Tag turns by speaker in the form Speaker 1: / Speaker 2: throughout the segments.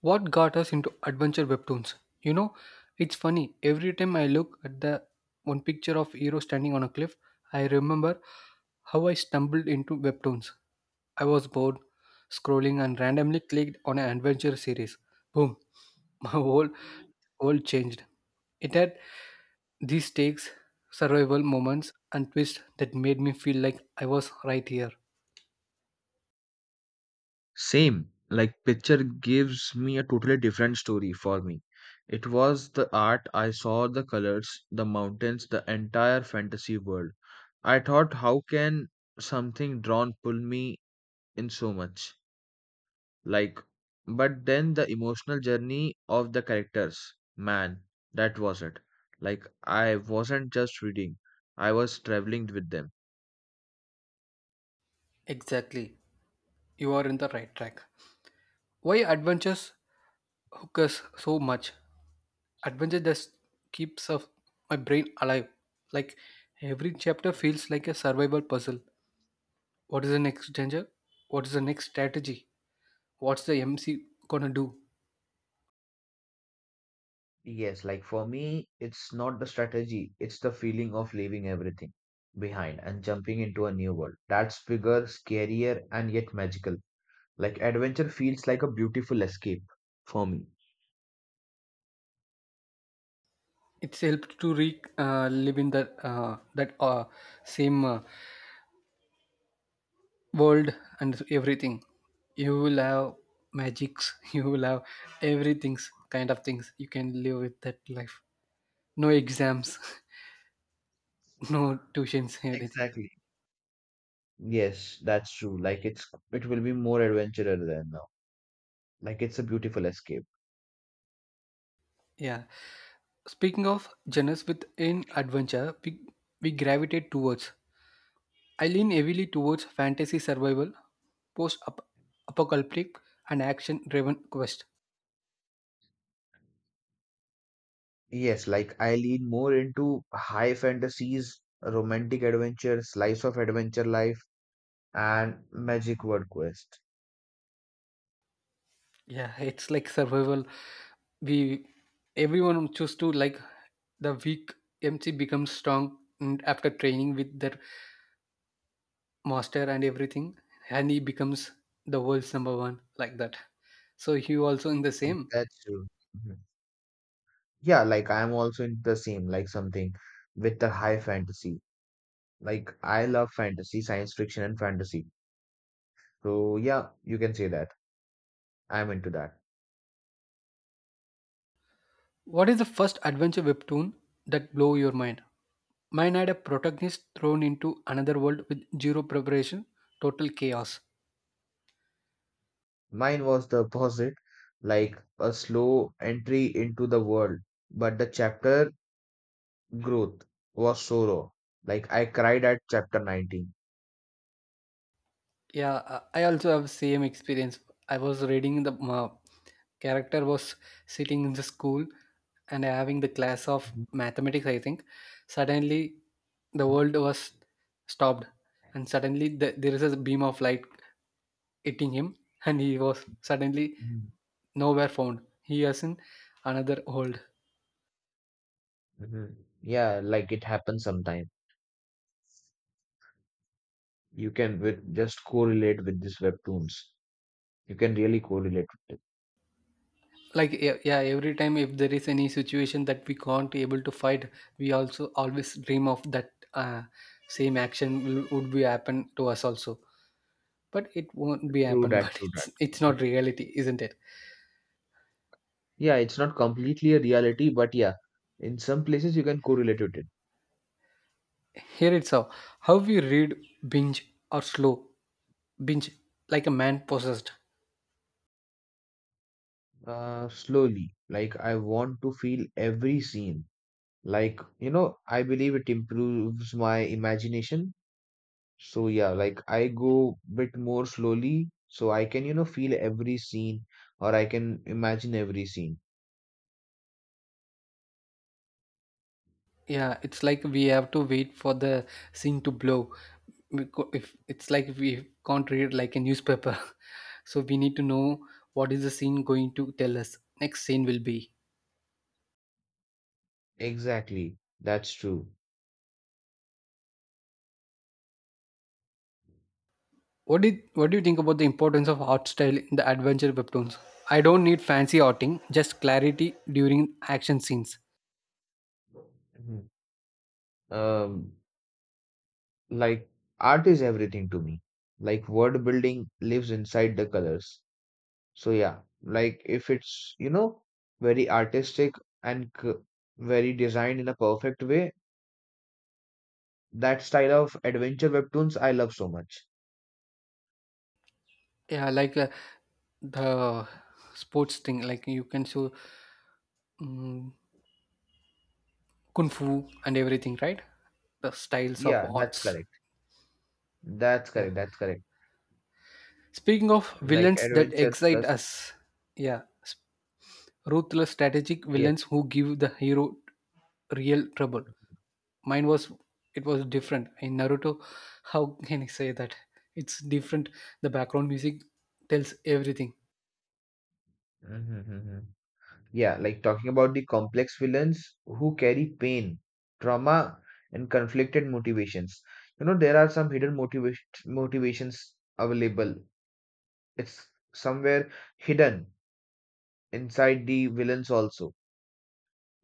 Speaker 1: What got us into adventure webtoons? You know, it's funny. Every time I look at the one picture of hero standing on a cliff, I remember how I stumbled into webtoons. I was bored, scrolling, and randomly clicked on an adventure series. Boom, my whole world changed. It had these stakes, survival moments, and twists that made me feel like I was right here.
Speaker 2: Same, like picture gives me a totally different story for me. It was the art I saw, the colors, the mountains, the entire fantasy world. I thought, how can something drawn pull me in so much? Like, but then the emotional journey of the characters, man, that was it. Like, I wasn't just reading, I was traveling with them.
Speaker 1: Exactly. You are in the right track. Why adventures hook us so much? Adventure just keeps of my brain alive. Like every chapter feels like a survival puzzle. What is the next danger? What is the next strategy? What's the MC gonna do?
Speaker 2: Yes, like for me, it's not the strategy, it's the feeling of leaving everything behind and jumping into a new world. That's bigger, scarier, and yet magical. Like adventure feels like a beautiful escape for me.
Speaker 1: It's helped to re live in the that same world and everything. You will have magics. You will have everything's kind of things. You can live with that life. No exams, no tuitions, everything.
Speaker 2: Exactly. Yes, that's true. Like it will be more adventurer than now. Like it's a beautiful escape.
Speaker 1: Yeah, speaking of genres within adventure, we gravitate towards. I lean heavily towards fantasy survival, post apocalyptic, and action driven quest.
Speaker 2: Yes, like I lean more into high fantasies, romantic adventure, slice of adventure life, and magic word quest.
Speaker 1: Yeah, it's like survival. We everyone choose to like the weak MC becomes strong and after training with their master and everything, and he becomes the world's number one like that. So you also in the same.
Speaker 2: That's true. Mm-hmm. Yeah, like I'm also in the same, like something with the high fantasy. Like I love fantasy, science fiction, and fantasy. So yeah, you can say that. I'm into that.
Speaker 1: What is the first adventure webtoon that blew your mind? Mine had a protagonist thrown into another world with zero preparation, total chaos.
Speaker 2: Mine was the opposite, like a slow entry into the world, but the chapter growth was so raw. Like I cried at chapter 19.
Speaker 1: Yeah, I also have same experience. I was reading the character was sitting in the school and having the class of
Speaker 2: Mhm.
Speaker 1: mathematics, I think. Suddenly, the world was stopped, and suddenly there is a beam of light hitting him, and he was suddenly
Speaker 2: Mhm.
Speaker 1: nowhere found. He is in another world.
Speaker 2: Mhm. Yeah, like it happens sometime. You can with just correlate with these webtoons. You can really correlate with it.
Speaker 1: Like, yeah, yeah, every time if there is any situation that we can't able to fight, we also always dream of that same action will, would be happen to us also, but it won't be
Speaker 2: True
Speaker 1: happen
Speaker 2: that,
Speaker 1: but
Speaker 2: true that.
Speaker 1: it's not reality, isn't it?
Speaker 2: Yeah, it's not completely a reality, but yeah, in some places you can correlate with it.
Speaker 1: Here it's how we read, binge or slow binge like a man possessed.
Speaker 2: Slowly. Like, I want to feel every scene. Like, you know, I believe it improves my imagination. So, yeah, like I go bit more slowly so I can, you know, feel every scene or I can imagine every scene.
Speaker 1: Yeah, it's like we have to wait for the scene to blow. If it's like we can't read like a newspaper, so we need to know what is the scene going to tell us. Next scene will be.
Speaker 2: Exactly. That's true.
Speaker 1: What did what do you think about the importance of art style in the adventure webtoons? I don't need fancy arting, just clarity during action scenes.
Speaker 2: Mhm. Um, like, art is everything to me. Like, word building lives inside the colors. So yeah, like if it's, you know, very artistic and very designed in a perfect way, that style of adventure webtoons I love so much.
Speaker 1: Yeah, like the sports thing, like you can show mm kung fu and everything, right? The styles of
Speaker 2: Yeah, that's
Speaker 1: arts.
Speaker 2: correct. That's
Speaker 1: Yeah.
Speaker 2: correct. That's correct.
Speaker 1: Speaking of
Speaker 2: Like
Speaker 1: villains that
Speaker 2: adventure
Speaker 1: excite
Speaker 2: plus,
Speaker 1: us, yeah, ruthless strategic villains
Speaker 2: yes.
Speaker 1: who give the hero real trouble. Mine was it was different in Naruto. How can I say that? It's different. The background music tells everything.
Speaker 2: Mm-hmm. Mm-hmm. Yeah, like talking about the complex villains who carry pain, trauma, and conflicted motivations. You know, there are some hidden motivations available. It's somewhere hidden inside the villains also,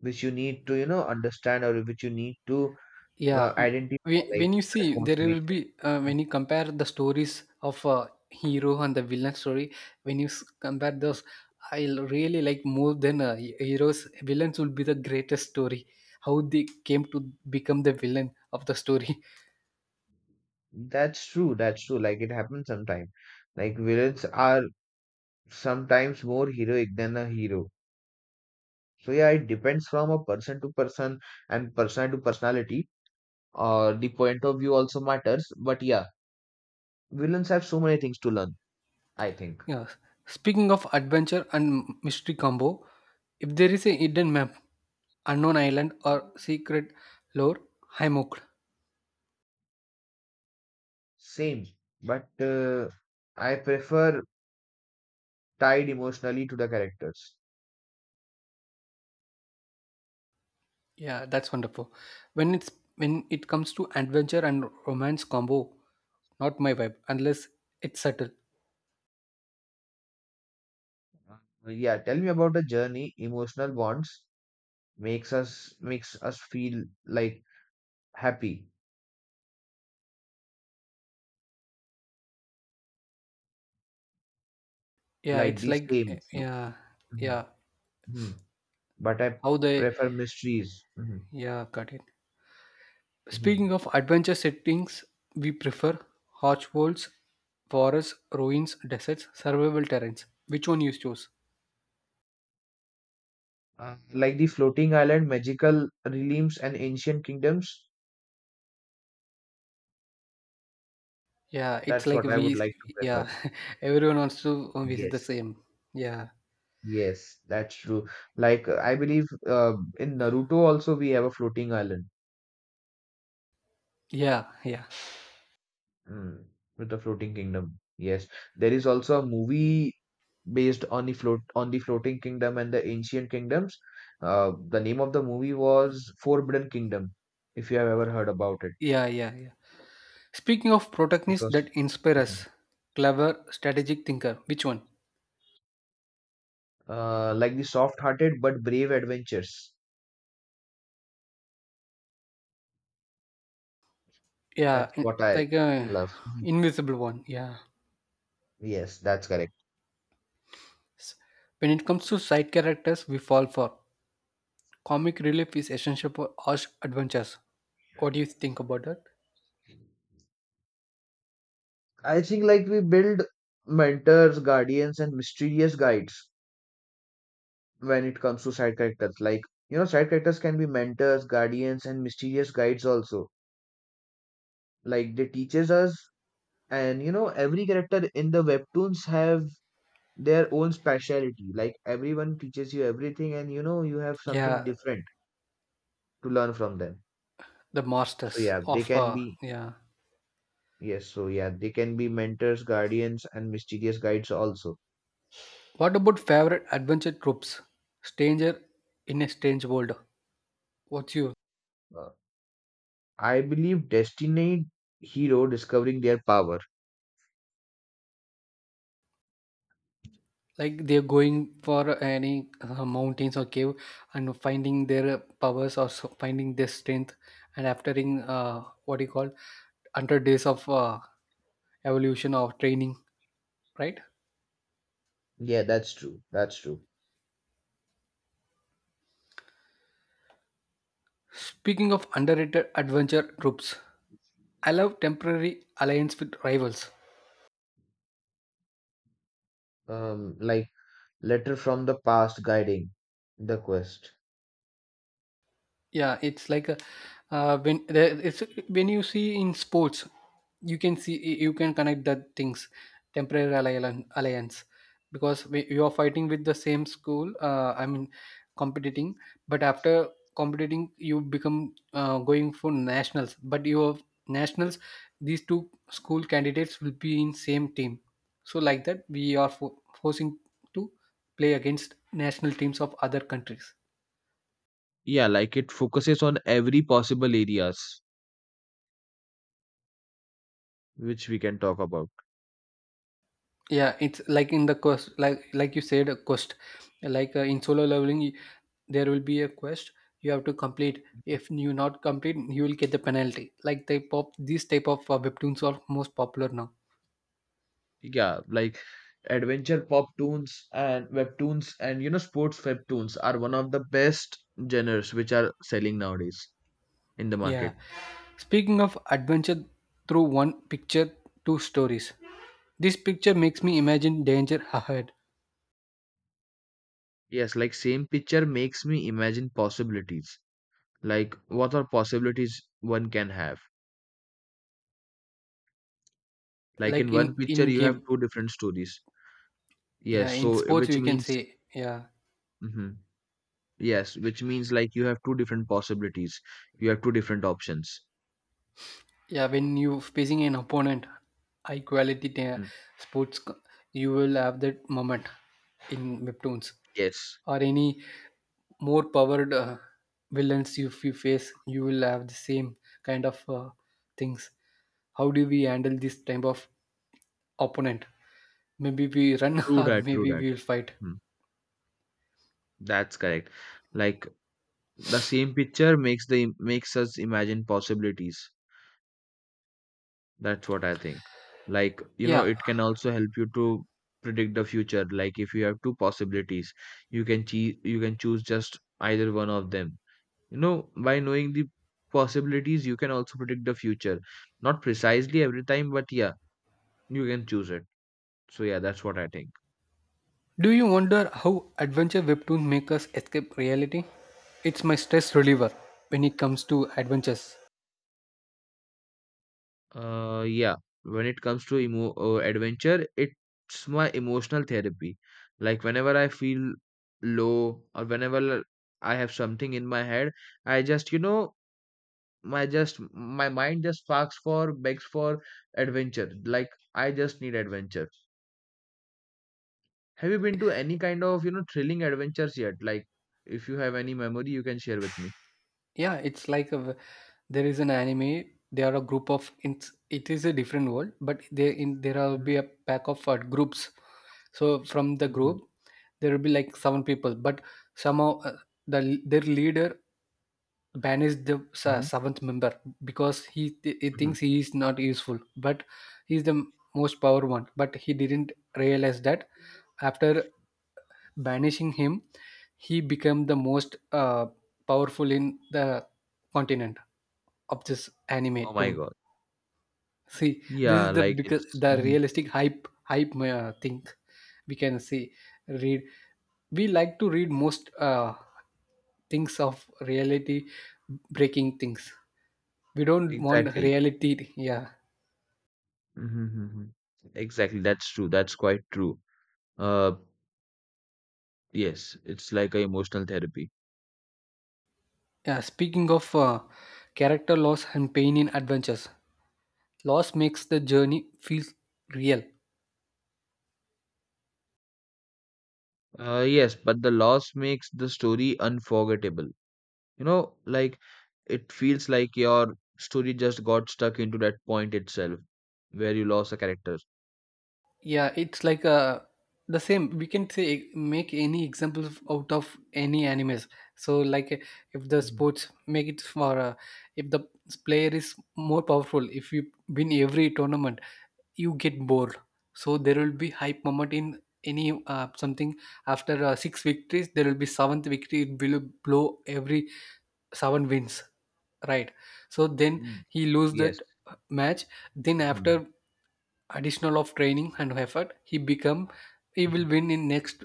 Speaker 2: which you need to, you know, understand or which you need to
Speaker 1: Yeah,
Speaker 2: identify,
Speaker 1: when
Speaker 2: like
Speaker 1: when you
Speaker 2: that
Speaker 1: see there will
Speaker 2: motivation.
Speaker 1: be when you compare the stories of hero and the villain story, when you compare those, I really like more than heroes. Villains will be the greatest story. How they came to become the villain of the story.
Speaker 2: That's true. That's true. Like it happens sometimes. Like villains are sometimes more heroic than a hero. So yeah, it depends from a person to person and person to personality. Or the point of view also matters. But yeah, villains have so many things to learn, I think.
Speaker 1: Yeah. Speaking of adventure and mystery combo, if there is a hidden map, unknown island or secret lore, I'm hooked.
Speaker 2: Same. But I prefer tied emotionally to the characters.
Speaker 1: Yeah, that's wonderful. When it's when it comes to adventure and romance combo, not my vibe unless it's subtle.
Speaker 2: Uh, Yeah, tell me about the journey. Emotional bonds makes us feel like happy,
Speaker 1: Yeah,
Speaker 2: like
Speaker 1: it's
Speaker 2: the
Speaker 1: like
Speaker 2: same.
Speaker 1: yeah,
Speaker 2: Mhm,
Speaker 1: yeah.
Speaker 2: mhm. But I
Speaker 1: How they
Speaker 2: prefer mysteries. Mhm,
Speaker 1: yeah, got it. Speaking
Speaker 2: mhm.
Speaker 1: of adventure settings, we prefer harsh worlds, forests, ruins, deserts, survival terrains. Which one you choose?
Speaker 2: Like the floating island, magical realms, and ancient kingdoms.
Speaker 1: Yeah, it's
Speaker 2: That's
Speaker 1: like
Speaker 2: what I would
Speaker 1: we
Speaker 2: like to prefer.
Speaker 1: yeah, everyone wants to visit the
Speaker 2: Yes,
Speaker 1: same. Yeah.
Speaker 2: yes, that's true. Like I believe in Naruto also we have a floating island
Speaker 1: Yeah, yeah.
Speaker 2: mm, with a floating kingdom. Yes, there is also a movie based on the floating kingdom and the ancient kingdoms. The name of the movie was Forbidden Kingdom, if you have ever heard about it.
Speaker 1: Yeah, yeah, yeah. Speaking of
Speaker 2: It
Speaker 1: protagonists
Speaker 2: was
Speaker 1: that inspire us, clever, strategic thinker. Which one?
Speaker 2: like the soft-hearted but brave adventures.
Speaker 1: Yeah,
Speaker 2: That's what I
Speaker 1: like a
Speaker 2: love.
Speaker 1: invisible one. Yeah.
Speaker 2: Yes, that's correct.
Speaker 1: S- When it comes to side characters, we fall for comic relief is essential for harsh adventures. What do you think about that?
Speaker 2: I think like we build mentors, guardians, and mysterious guides when it comes to side characters. Like you know, side characters can be mentors, guardians, and mysterious guides also. Like they teaches us, and you know every character in the webtoons have their own speciality, like everyone teaches you everything, and you know you have something
Speaker 1: Yeah,
Speaker 2: different to learn from them.
Speaker 1: the
Speaker 2: So
Speaker 1: masters
Speaker 2: yeah, they
Speaker 1: of
Speaker 2: can be.
Speaker 1: yeah.
Speaker 2: Yes, so yeah, they can be mentors, guardians, and mysterious guides also.
Speaker 1: What about favorite adventure tropes? Stranger in a strange world. What's your
Speaker 2: Uh, I believe destiny hero discovering their power.
Speaker 1: like they're going for any mountains or cave and finding their powers or so finding their strength, and after in what do you call 100 days of evolution or training, right?
Speaker 2: Yeah, that's true. That's true.
Speaker 1: Speaking of underrated adventure troops, I love temporary alliance with rivals.
Speaker 2: um like, letter from the past guiding the quest.
Speaker 1: Yeah, it's like a, when there, it's when you see in sports, you can see you can connect the things. Temporary alliance, because you are fighting with the same school, I mean competing, but after competing you become going for nationals, but your nationals, these two school candidates will be in same team. So like that, we are forcing to play against national teams of other countries.
Speaker 2: Yeah, like it focuses on every possible areas which we can talk about.
Speaker 1: Yeah, it's like in the quest, like, you said a quest, like in solo leveling, there will be a quest you have to complete. If you not complete, you will get the penalty, like they pop, these type of webtoons are most popular now.
Speaker 2: Yeah, like adventure pop toons and webtoons, and you know sports webtoons are one of the best genres which are selling nowadays in the market.
Speaker 1: Yeah, speaking of adventure through one picture, two stories, this picture makes me imagine danger ahead.
Speaker 2: Yes, like same picture makes me imagine possibilities. Like what are possibilities one can have? Like
Speaker 1: Like
Speaker 2: in one
Speaker 1: in
Speaker 2: picture you have
Speaker 1: game,
Speaker 2: two different stories. Yes,
Speaker 1: yeah, in
Speaker 2: so
Speaker 1: sports
Speaker 2: which
Speaker 1: we can
Speaker 2: means,
Speaker 1: say, yeah.
Speaker 2: hmm yes, which means like you have two different possibilities. You have two different options.
Speaker 1: Yeah, when you facing an opponent, high quality ta-
Speaker 2: Mhm.
Speaker 1: sports co- you will have that moment in webtoons
Speaker 2: Yes,
Speaker 1: or any more powered villains if you face, you will have the same kind of things. How do we handle this type of opponent? Maybe we run
Speaker 2: true
Speaker 1: or
Speaker 2: that, true
Speaker 1: maybe
Speaker 2: that.
Speaker 1: we will fight.
Speaker 2: Mhm. That's correct. Like the same picture makes us imagine possibilities. That's what I think. Like you know
Speaker 1: Yeah,
Speaker 2: it can also help you to predict the future. Like if you have two possibilities, you can choose just either one of them. You know, by knowing the possibilities you can also predict the future, not precisely every time, but yeah, you can choose it. So yeah, that's what I think.
Speaker 1: do you wonder how adventure webtoons make us escape reality? It's my stress reliever when it comes to adventures.
Speaker 2: Yeah, when it comes to emo adventure, it's my emotional therapy. Like whenever I feel low, or whenever I have something in my head, I just, you know, my mind just asks for begs for adventure. Like I just need adventure. Have you been to any kind of, you know, thrilling adventures yet? Like if you have any memory, you can share with me.
Speaker 1: Yeah, it's like a. There is an anime, they are a group of, it is a different world, but they in there will be a pack of groups. So from the
Speaker 2: Hmm.
Speaker 1: group, there will be like seven people, but somehow the their leader banished the
Speaker 2: Hmm.
Speaker 1: seventh member because he
Speaker 2: Hmm.
Speaker 1: thinks he is not useful, but he's the most power one, but he didn't realize that. After banishing him, he became the most powerful in the continent of this anime
Speaker 2: Oh my
Speaker 1: tune.
Speaker 2: God.
Speaker 1: See, this
Speaker 2: Yeah,
Speaker 1: is the
Speaker 2: like
Speaker 1: because
Speaker 2: it's.
Speaker 1: the
Speaker 2: Mhm.
Speaker 1: realistic hype thing we can see read. We like to read most things of reality breaking things. We don't want
Speaker 2: Exactly.
Speaker 1: reality. Yeah,
Speaker 2: Mm-hmm. Exactly, that's true. That's quite true. Uh, yes, it's like a emotional therapy.
Speaker 1: yeah. Speaking of character loss and pain in adventures, loss makes the journey feel real.
Speaker 2: Yes, but the loss makes the story unforgettable. You know, like it feels like your story just got stuck into that point itself where you lost a character.
Speaker 1: Yeah, it's like the same. We can say, make any examples out of any animes. So like, if the
Speaker 2: Mhm.
Speaker 1: sports make it for if the player is more powerful, if you win every tournament you get bored. So there will be hype moment in any something. After six victories there will be seventh victory. It will blow every seven wins, right? So then
Speaker 2: Mm.
Speaker 1: he lose
Speaker 2: Yes.
Speaker 1: that match. Then
Speaker 2: Mhm.
Speaker 1: after additional of training and effort, he become, he will
Speaker 2: Mhm.
Speaker 1: win in next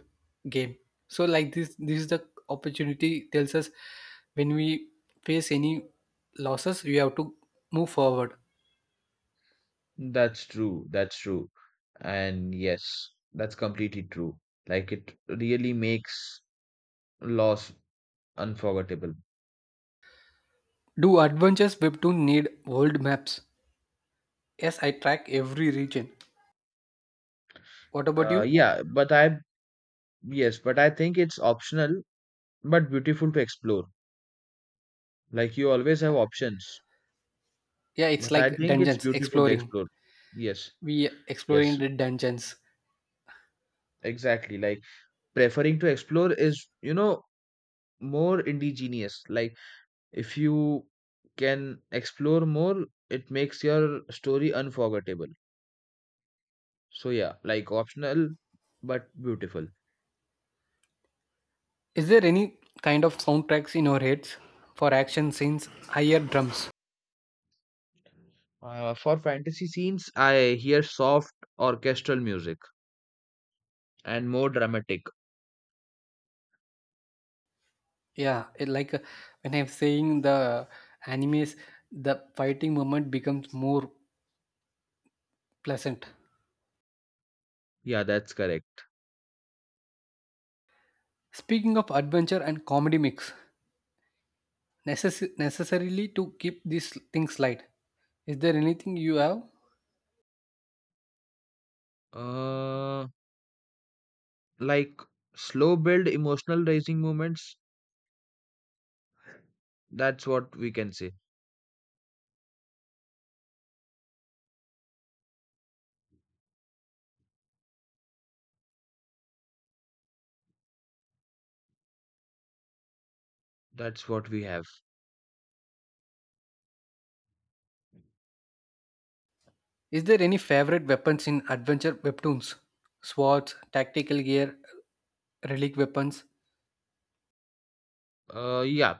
Speaker 1: game. So like this is the opportunity tells us, when we face any losses we have to move forward.
Speaker 2: That's true. That's true. And yes, that's completely true. Like it really makes loss unforgettable.
Speaker 1: Do adventures webtoon need world maps? Yes, I track every region. What about you?
Speaker 2: Yeah, but I. Yes, but I think it's optional but beautiful to explore. Like you always have options,
Speaker 1: Yeah, it's
Speaker 2: but I
Speaker 1: like
Speaker 2: think it's
Speaker 1: dungeons
Speaker 2: beautiful to
Speaker 1: exploring,
Speaker 2: explore. Yes,
Speaker 1: we exploring
Speaker 2: yes,
Speaker 1: the dungeons.
Speaker 2: exactly. Like preferring to explore is, you know, more indigenous. Like if you can explore more, it makes your story unforgettable. So yeah, like optional but beautiful.
Speaker 1: Is there any kind of soundtracks in your heads for action scenes? Higher drums.
Speaker 2: For fantasy scenes, I hear soft orchestral music and more dramatic.
Speaker 1: Yeah, it like when I'm saying the animes, the fighting moment becomes more pleasant.
Speaker 2: Yeah, that's correct.
Speaker 1: Speaking of adventure and comedy mix, necessarily to keep these things light. Is there anything you have?
Speaker 2: Uh, like slow build emotional raising moments. That's what we can say. That's what we have.
Speaker 1: Is there any favorite weapons in adventure webtoons? Swords, tactical gear, relic weapons.
Speaker 2: Yeah,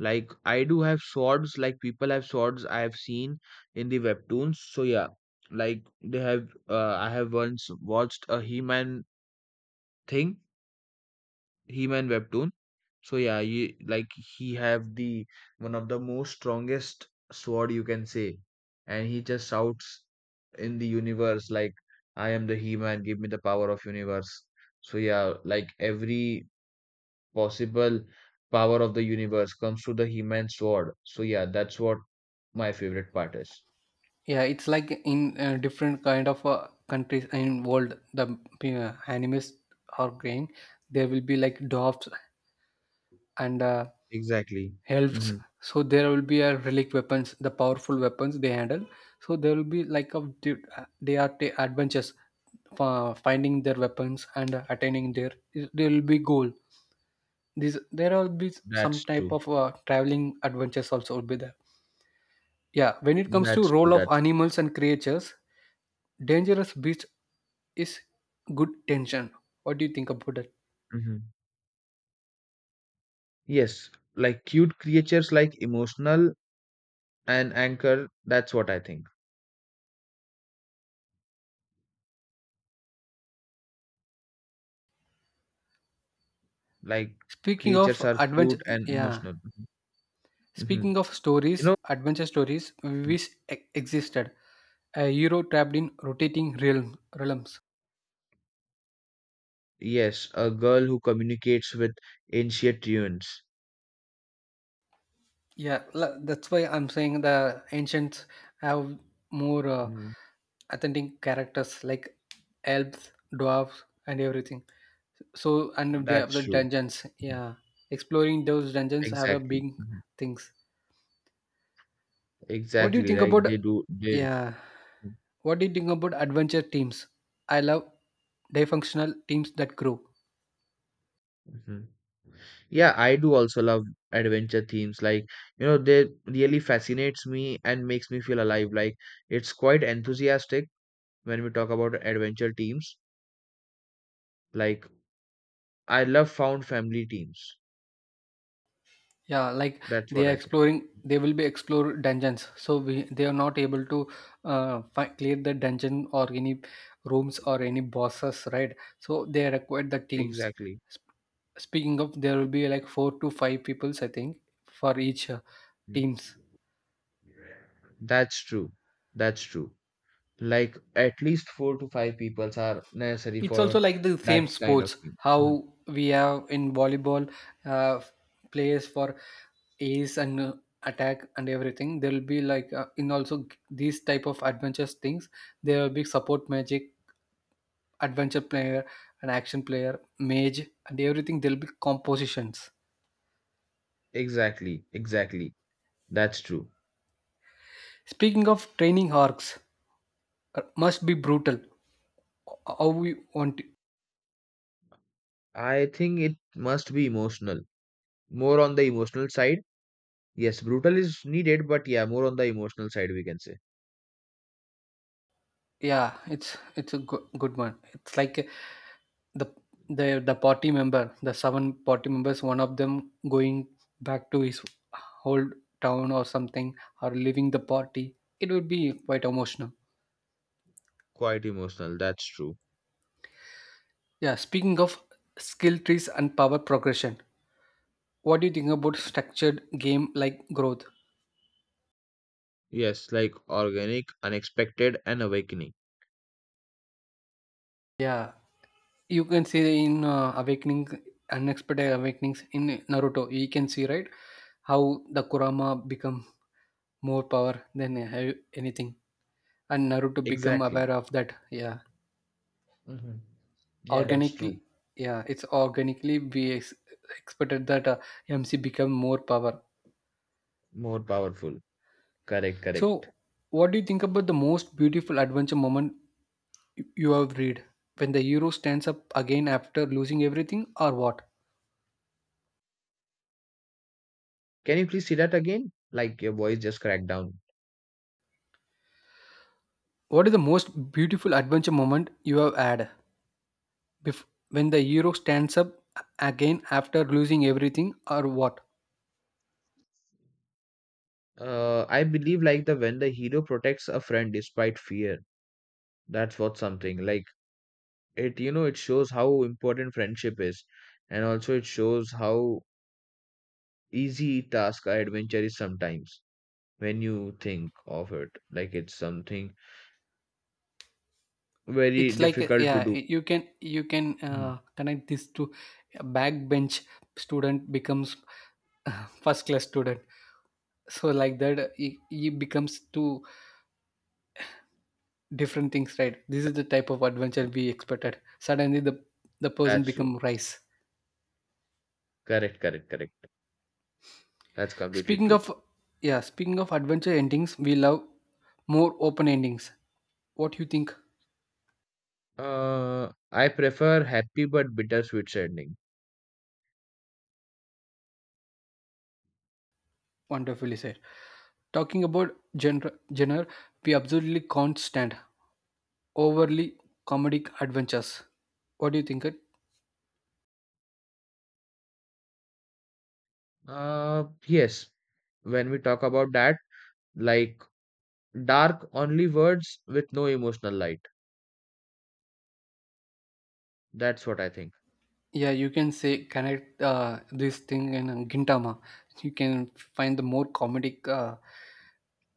Speaker 2: like I do have swords. Like people have swords I have seen in the webtoons. So yeah, like they have. I have once watched a thing He-Man webtoon. So yeah, like he have the one of the most strongest sword you can say, and he just shouts in the universe like, "I am the He-Man. Give me the power of universe." So yeah, like every possible power of the universe comes to the He-Man sword. So yeah, that's what my favorite part is.
Speaker 1: Yeah, it's like in different kind of countries and world the animes are growing. There will be like dwarfs and
Speaker 2: Exactly.
Speaker 1: helps,
Speaker 2: Hmm.
Speaker 1: so there will be a relic weapons, the powerful weapons they handle. So there will be like a they are adventures for finding their weapons and attaining their, there will be goal. This there will be some
Speaker 2: That's
Speaker 1: type
Speaker 2: true.
Speaker 1: of traveling adventures also will be there. Yeah, when it comes to
Speaker 2: That's true.
Speaker 1: role of
Speaker 2: That.
Speaker 1: animals and creatures, dangerous beast is good tension. What do you think about that?
Speaker 2: Hmm. Yes, like cute creatures like emotional. And anchor, that's what I think. Like
Speaker 1: Speaking
Speaker 2: creatures
Speaker 1: of
Speaker 2: are
Speaker 1: adventure,
Speaker 2: cute and
Speaker 1: yeah.
Speaker 2: emotional. Hmm.
Speaker 1: Speaking of
Speaker 2: You
Speaker 1: stories,
Speaker 2: know,
Speaker 1: adventure stories, which existed, a hero trapped in rotating realm, realms.
Speaker 2: yes, a girl who communicates with ancient ruins.
Speaker 1: Yeah, that's why I'm saying the ancients have more
Speaker 2: Mhm.
Speaker 1: authentic characters like elves, dwarves, and everything. So, and they have
Speaker 2: That's
Speaker 1: the
Speaker 2: true.
Speaker 1: dungeons. Yeah, exploring those dungeons have a
Speaker 2: Exactly.
Speaker 1: big
Speaker 2: Mhm.
Speaker 1: things. What do you
Speaker 2: Exactly.
Speaker 1: think
Speaker 2: Like
Speaker 1: about?
Speaker 2: they do. They.
Speaker 1: Yeah, what do you think about adventure teams? I love dysfunctional teams that grow.
Speaker 2: Mhm. Yeah, I do also love adventure themes. Like, you know, they really fascinates me and makes me feel alive. Like, it's quite enthusiastic when we talk about adventure teams. Like, I love found family teams.
Speaker 1: Yeah, like
Speaker 2: That's
Speaker 1: they
Speaker 2: what
Speaker 1: are
Speaker 2: I think.
Speaker 1: exploring, they will be explore dungeons, so we they are not able to clear the dungeon or any rooms or any bosses, right? So they require the teams.
Speaker 2: Exactly.
Speaker 1: Sp- Speaking of, there will be like 4 to 5 peoples I think for each
Speaker 2: Mm.
Speaker 1: teams.
Speaker 2: That's true. That's true. Like at least four to five peoples are necessary
Speaker 1: It's
Speaker 2: for
Speaker 1: also like the
Speaker 2: that
Speaker 1: same
Speaker 2: kind of
Speaker 1: sports
Speaker 2: team.
Speaker 1: how
Speaker 2: Mm.
Speaker 1: we have in volleyball, uh, players for ace and attack and everything. There will be like these type of adventures things, there will be support magic, adventure player, and action player, mage and everything. There will be compositions.
Speaker 2: Exactly. Exactly. That's true.
Speaker 1: Speaking of training arcs, must be brutal how we want.
Speaker 2: I think it must be emotional. More on the emotional side. Yes, brutal is needed, but yeah, more on the emotional side, we can say.
Speaker 1: Yeah, it's a good one. It's like the the party member, the 7 party members, one of them going back to his old town or something, or leaving the party. It would be quite emotional.
Speaker 2: Quite emotional. That's true.
Speaker 1: Yeah, speaking of skill trees and power progression, what do you think about structured game like growth?
Speaker 2: Yes, like organic, unexpected, and awakening.
Speaker 1: Yeah, you can see in Awakening, Unexpected Awakenings in Naruto, you can see, right, how the Kurama become more power than anything, and Naruto become
Speaker 2: Exactly.
Speaker 1: aware of that. Yeah,
Speaker 2: Hmm. Yeah, that's
Speaker 1: organically.
Speaker 2: true.
Speaker 1: Yeah, it's organically we expected that MC become more power.
Speaker 2: More powerful. Correct, correct.
Speaker 1: So what do you think about the most beautiful adventure moment you have read? When the hero stands up again after losing everything or what?
Speaker 2: Can you please say that again? Like your voice just cracked down.
Speaker 1: What is the most beautiful adventure moment you have had when the hero stands up again after losing everything or what?
Speaker 2: I believe like the when the hero protects a friend despite fear, that's what something like it. You know, it shows how important friendship is, and also it shows how easy task or adventure is sometimes when you think of it. Like it's something very
Speaker 1: It's like
Speaker 2: difficult to
Speaker 1: yeah,
Speaker 2: do.
Speaker 1: you can
Speaker 2: Mhm.
Speaker 1: connect this to a backbench student becomes first class student. So like that, he becomes two different things, right? This is the type of adventure we expected. Suddenly the person
Speaker 2: That's true.
Speaker 1: become rice.
Speaker 2: Correct, correct, correct. That's completely
Speaker 1: Speaking
Speaker 2: true.
Speaker 1: of Yeah, speaking of adventure endings, we love more open endings. What you think?
Speaker 2: I prefer happy but bittersweet ending.
Speaker 1: Wonderfully said. Talking about genre, we absolutely can't stand overly comedic adventures. What do you think? It?
Speaker 2: Yes, when we talk about that, like dark only words with no emotional light. That's what I think.
Speaker 1: Yeah, you can say connect this thing in Gintama. You can find the more comedic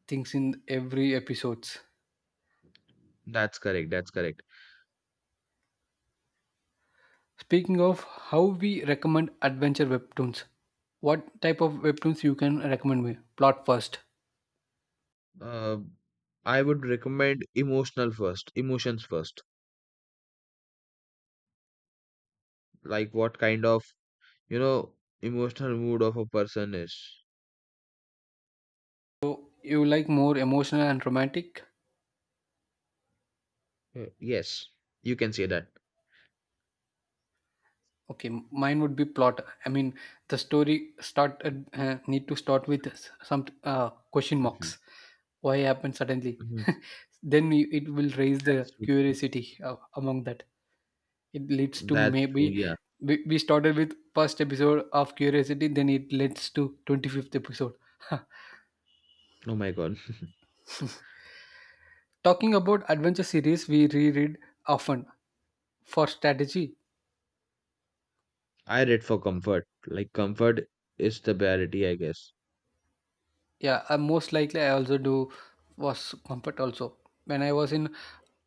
Speaker 1: things in every episodes.
Speaker 2: That's correct. That's correct.
Speaker 1: Speaking of how we recommend adventure webtoons, what type of webtoons you can recommend me? Plot first.
Speaker 2: uh, I would recommend emotional first emotions first, like what kind of, you know, emotional mood of a person is.
Speaker 1: So you like more emotional and romantic?
Speaker 2: Yes, you can say that.
Speaker 1: Okay, mine would be plot. I mean, the story start need to start with some question marks.
Speaker 2: Mhm.
Speaker 1: Why happened suddenly?
Speaker 2: Mhm.
Speaker 1: Then it will raise
Speaker 2: That's
Speaker 1: the
Speaker 2: true.
Speaker 1: curiosity among that. It leads to
Speaker 2: That's true.
Speaker 1: maybe
Speaker 2: Yeah.
Speaker 1: we started with first episode of curiosity, then it leads to 25th episode.
Speaker 2: Oh my God.
Speaker 1: Talking about adventure series, we reread often for strategy.
Speaker 2: I read for comfort. Like comfort is the priority, I guess.
Speaker 1: Yeah, most likely I also do was comfort also. When I was in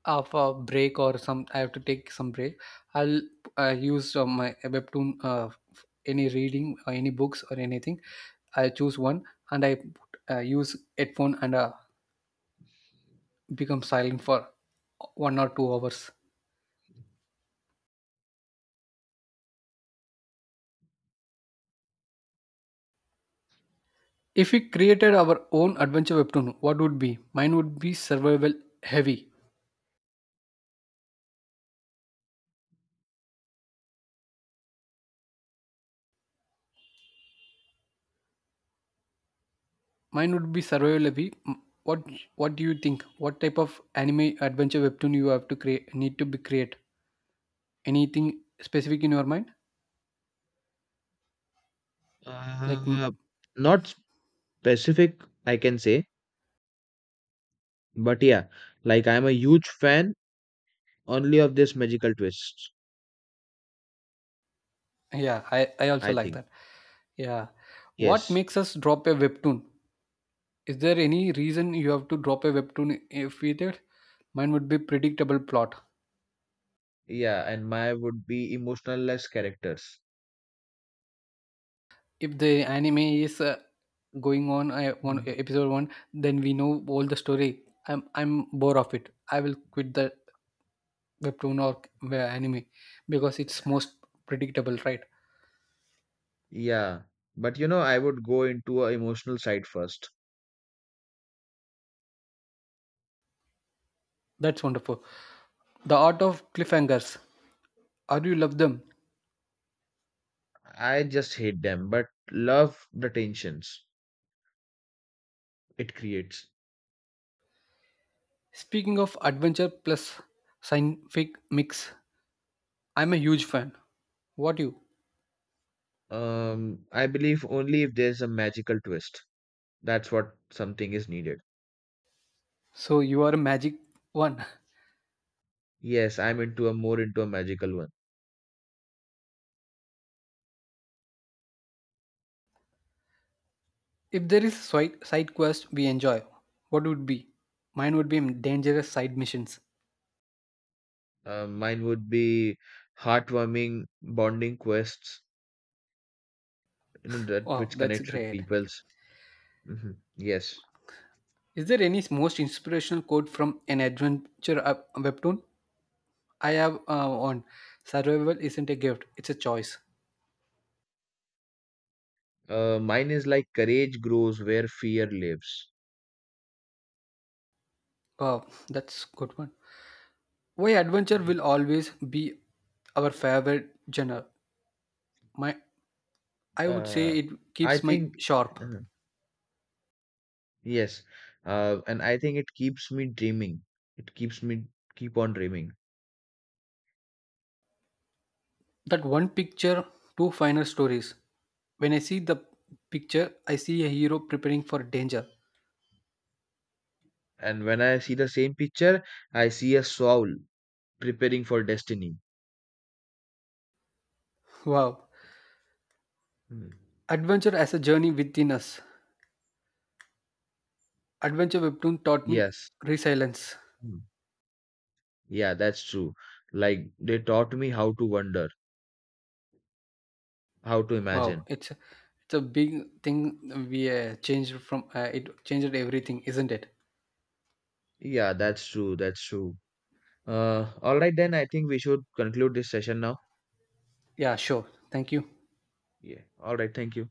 Speaker 1: of a break or some, I have to take some break. I'll use my webtoon, any reading or any books or anything. I choose one and I use headphone and become silent for 1 or 2 hours. If we created our own adventure webtoon, what would be? Mine would be survival heavy. Mine would be survival heavy. What? What do you think? What type of anime adventure webtoon you have to create? Need to be create anything specific in your mind? Like mm,
Speaker 2: uh, Not specific, I can say. But yeah, like I'm a huge fan only of this magical twists,
Speaker 1: yeah, I
Speaker 2: I
Speaker 1: also like
Speaker 2: think.
Speaker 1: that. Yeah, what
Speaker 2: Yes.
Speaker 1: makes us drop a webtoon? Is there any reason you have to drop a webtoon? If we did, mine would be predictable plot.
Speaker 2: Yeah, and my would be emotional less characters.
Speaker 1: If the anime is going on one
Speaker 2: Mhm.
Speaker 1: episode one, then we know all the story. I'm bored of it. I will quit the webtoon or where anime because it's most predictable, right?
Speaker 2: Yeah. But you know, I would go into a emotional side first.
Speaker 1: That's wonderful. The art of cliffhangers, are you love them?
Speaker 2: I just hate them, but love the tensions it creates.
Speaker 1: Speaking of adventure plus scientific mix, I'm a huge fan. What you?
Speaker 2: I believe only if there's a magical twist. That's what something is needed.
Speaker 1: So you are a magic one?
Speaker 2: Yes, I'm into a magical one.
Speaker 1: If there is a side quest we enjoy, what would be? Mine would be dangerous side missions.
Speaker 2: Mine would be heartwarming bonding quests, you know, that
Speaker 1: Wow,
Speaker 2: which
Speaker 1: that's
Speaker 2: connects with
Speaker 1: great.
Speaker 2: people's. Hmm. Yes.
Speaker 1: Is there any most inspirational quote from an adventure webtoon? I have on survival isn't a gift; it's a choice.
Speaker 2: Mine is like courage grows where fear lives.
Speaker 1: Wow, that's good one. Why adventure
Speaker 2: Mhm.
Speaker 1: will always be our favorite genre? My, I would say
Speaker 2: uh,
Speaker 1: it
Speaker 2: I
Speaker 1: keeps me
Speaker 2: think,
Speaker 1: sharp.
Speaker 2: uh, yes, and I think it keeps me dreaming. It keeps me Keep on dreaming.
Speaker 1: That one picture, two final stories. When I see the picture, I see a hero preparing for danger.
Speaker 2: And when I see the same picture, I see a soul preparing for destiny.
Speaker 1: Wow,
Speaker 2: Mhm.
Speaker 1: adventure as a journey within us. Adventure webtoon taught me
Speaker 2: Yes.
Speaker 1: resilience.
Speaker 2: Mhm. Yeah, that's true. Like they taught me how to wonder, how to
Speaker 1: Wow,
Speaker 2: imagine.
Speaker 1: it's it's a big thing. We changed from it changed everything, isn't it?
Speaker 2: Yeah, that's true. That's true. All right, then I think we should conclude this session now.
Speaker 1: Yeah, sure. Thank you.
Speaker 2: Yeah. All right. Thank you.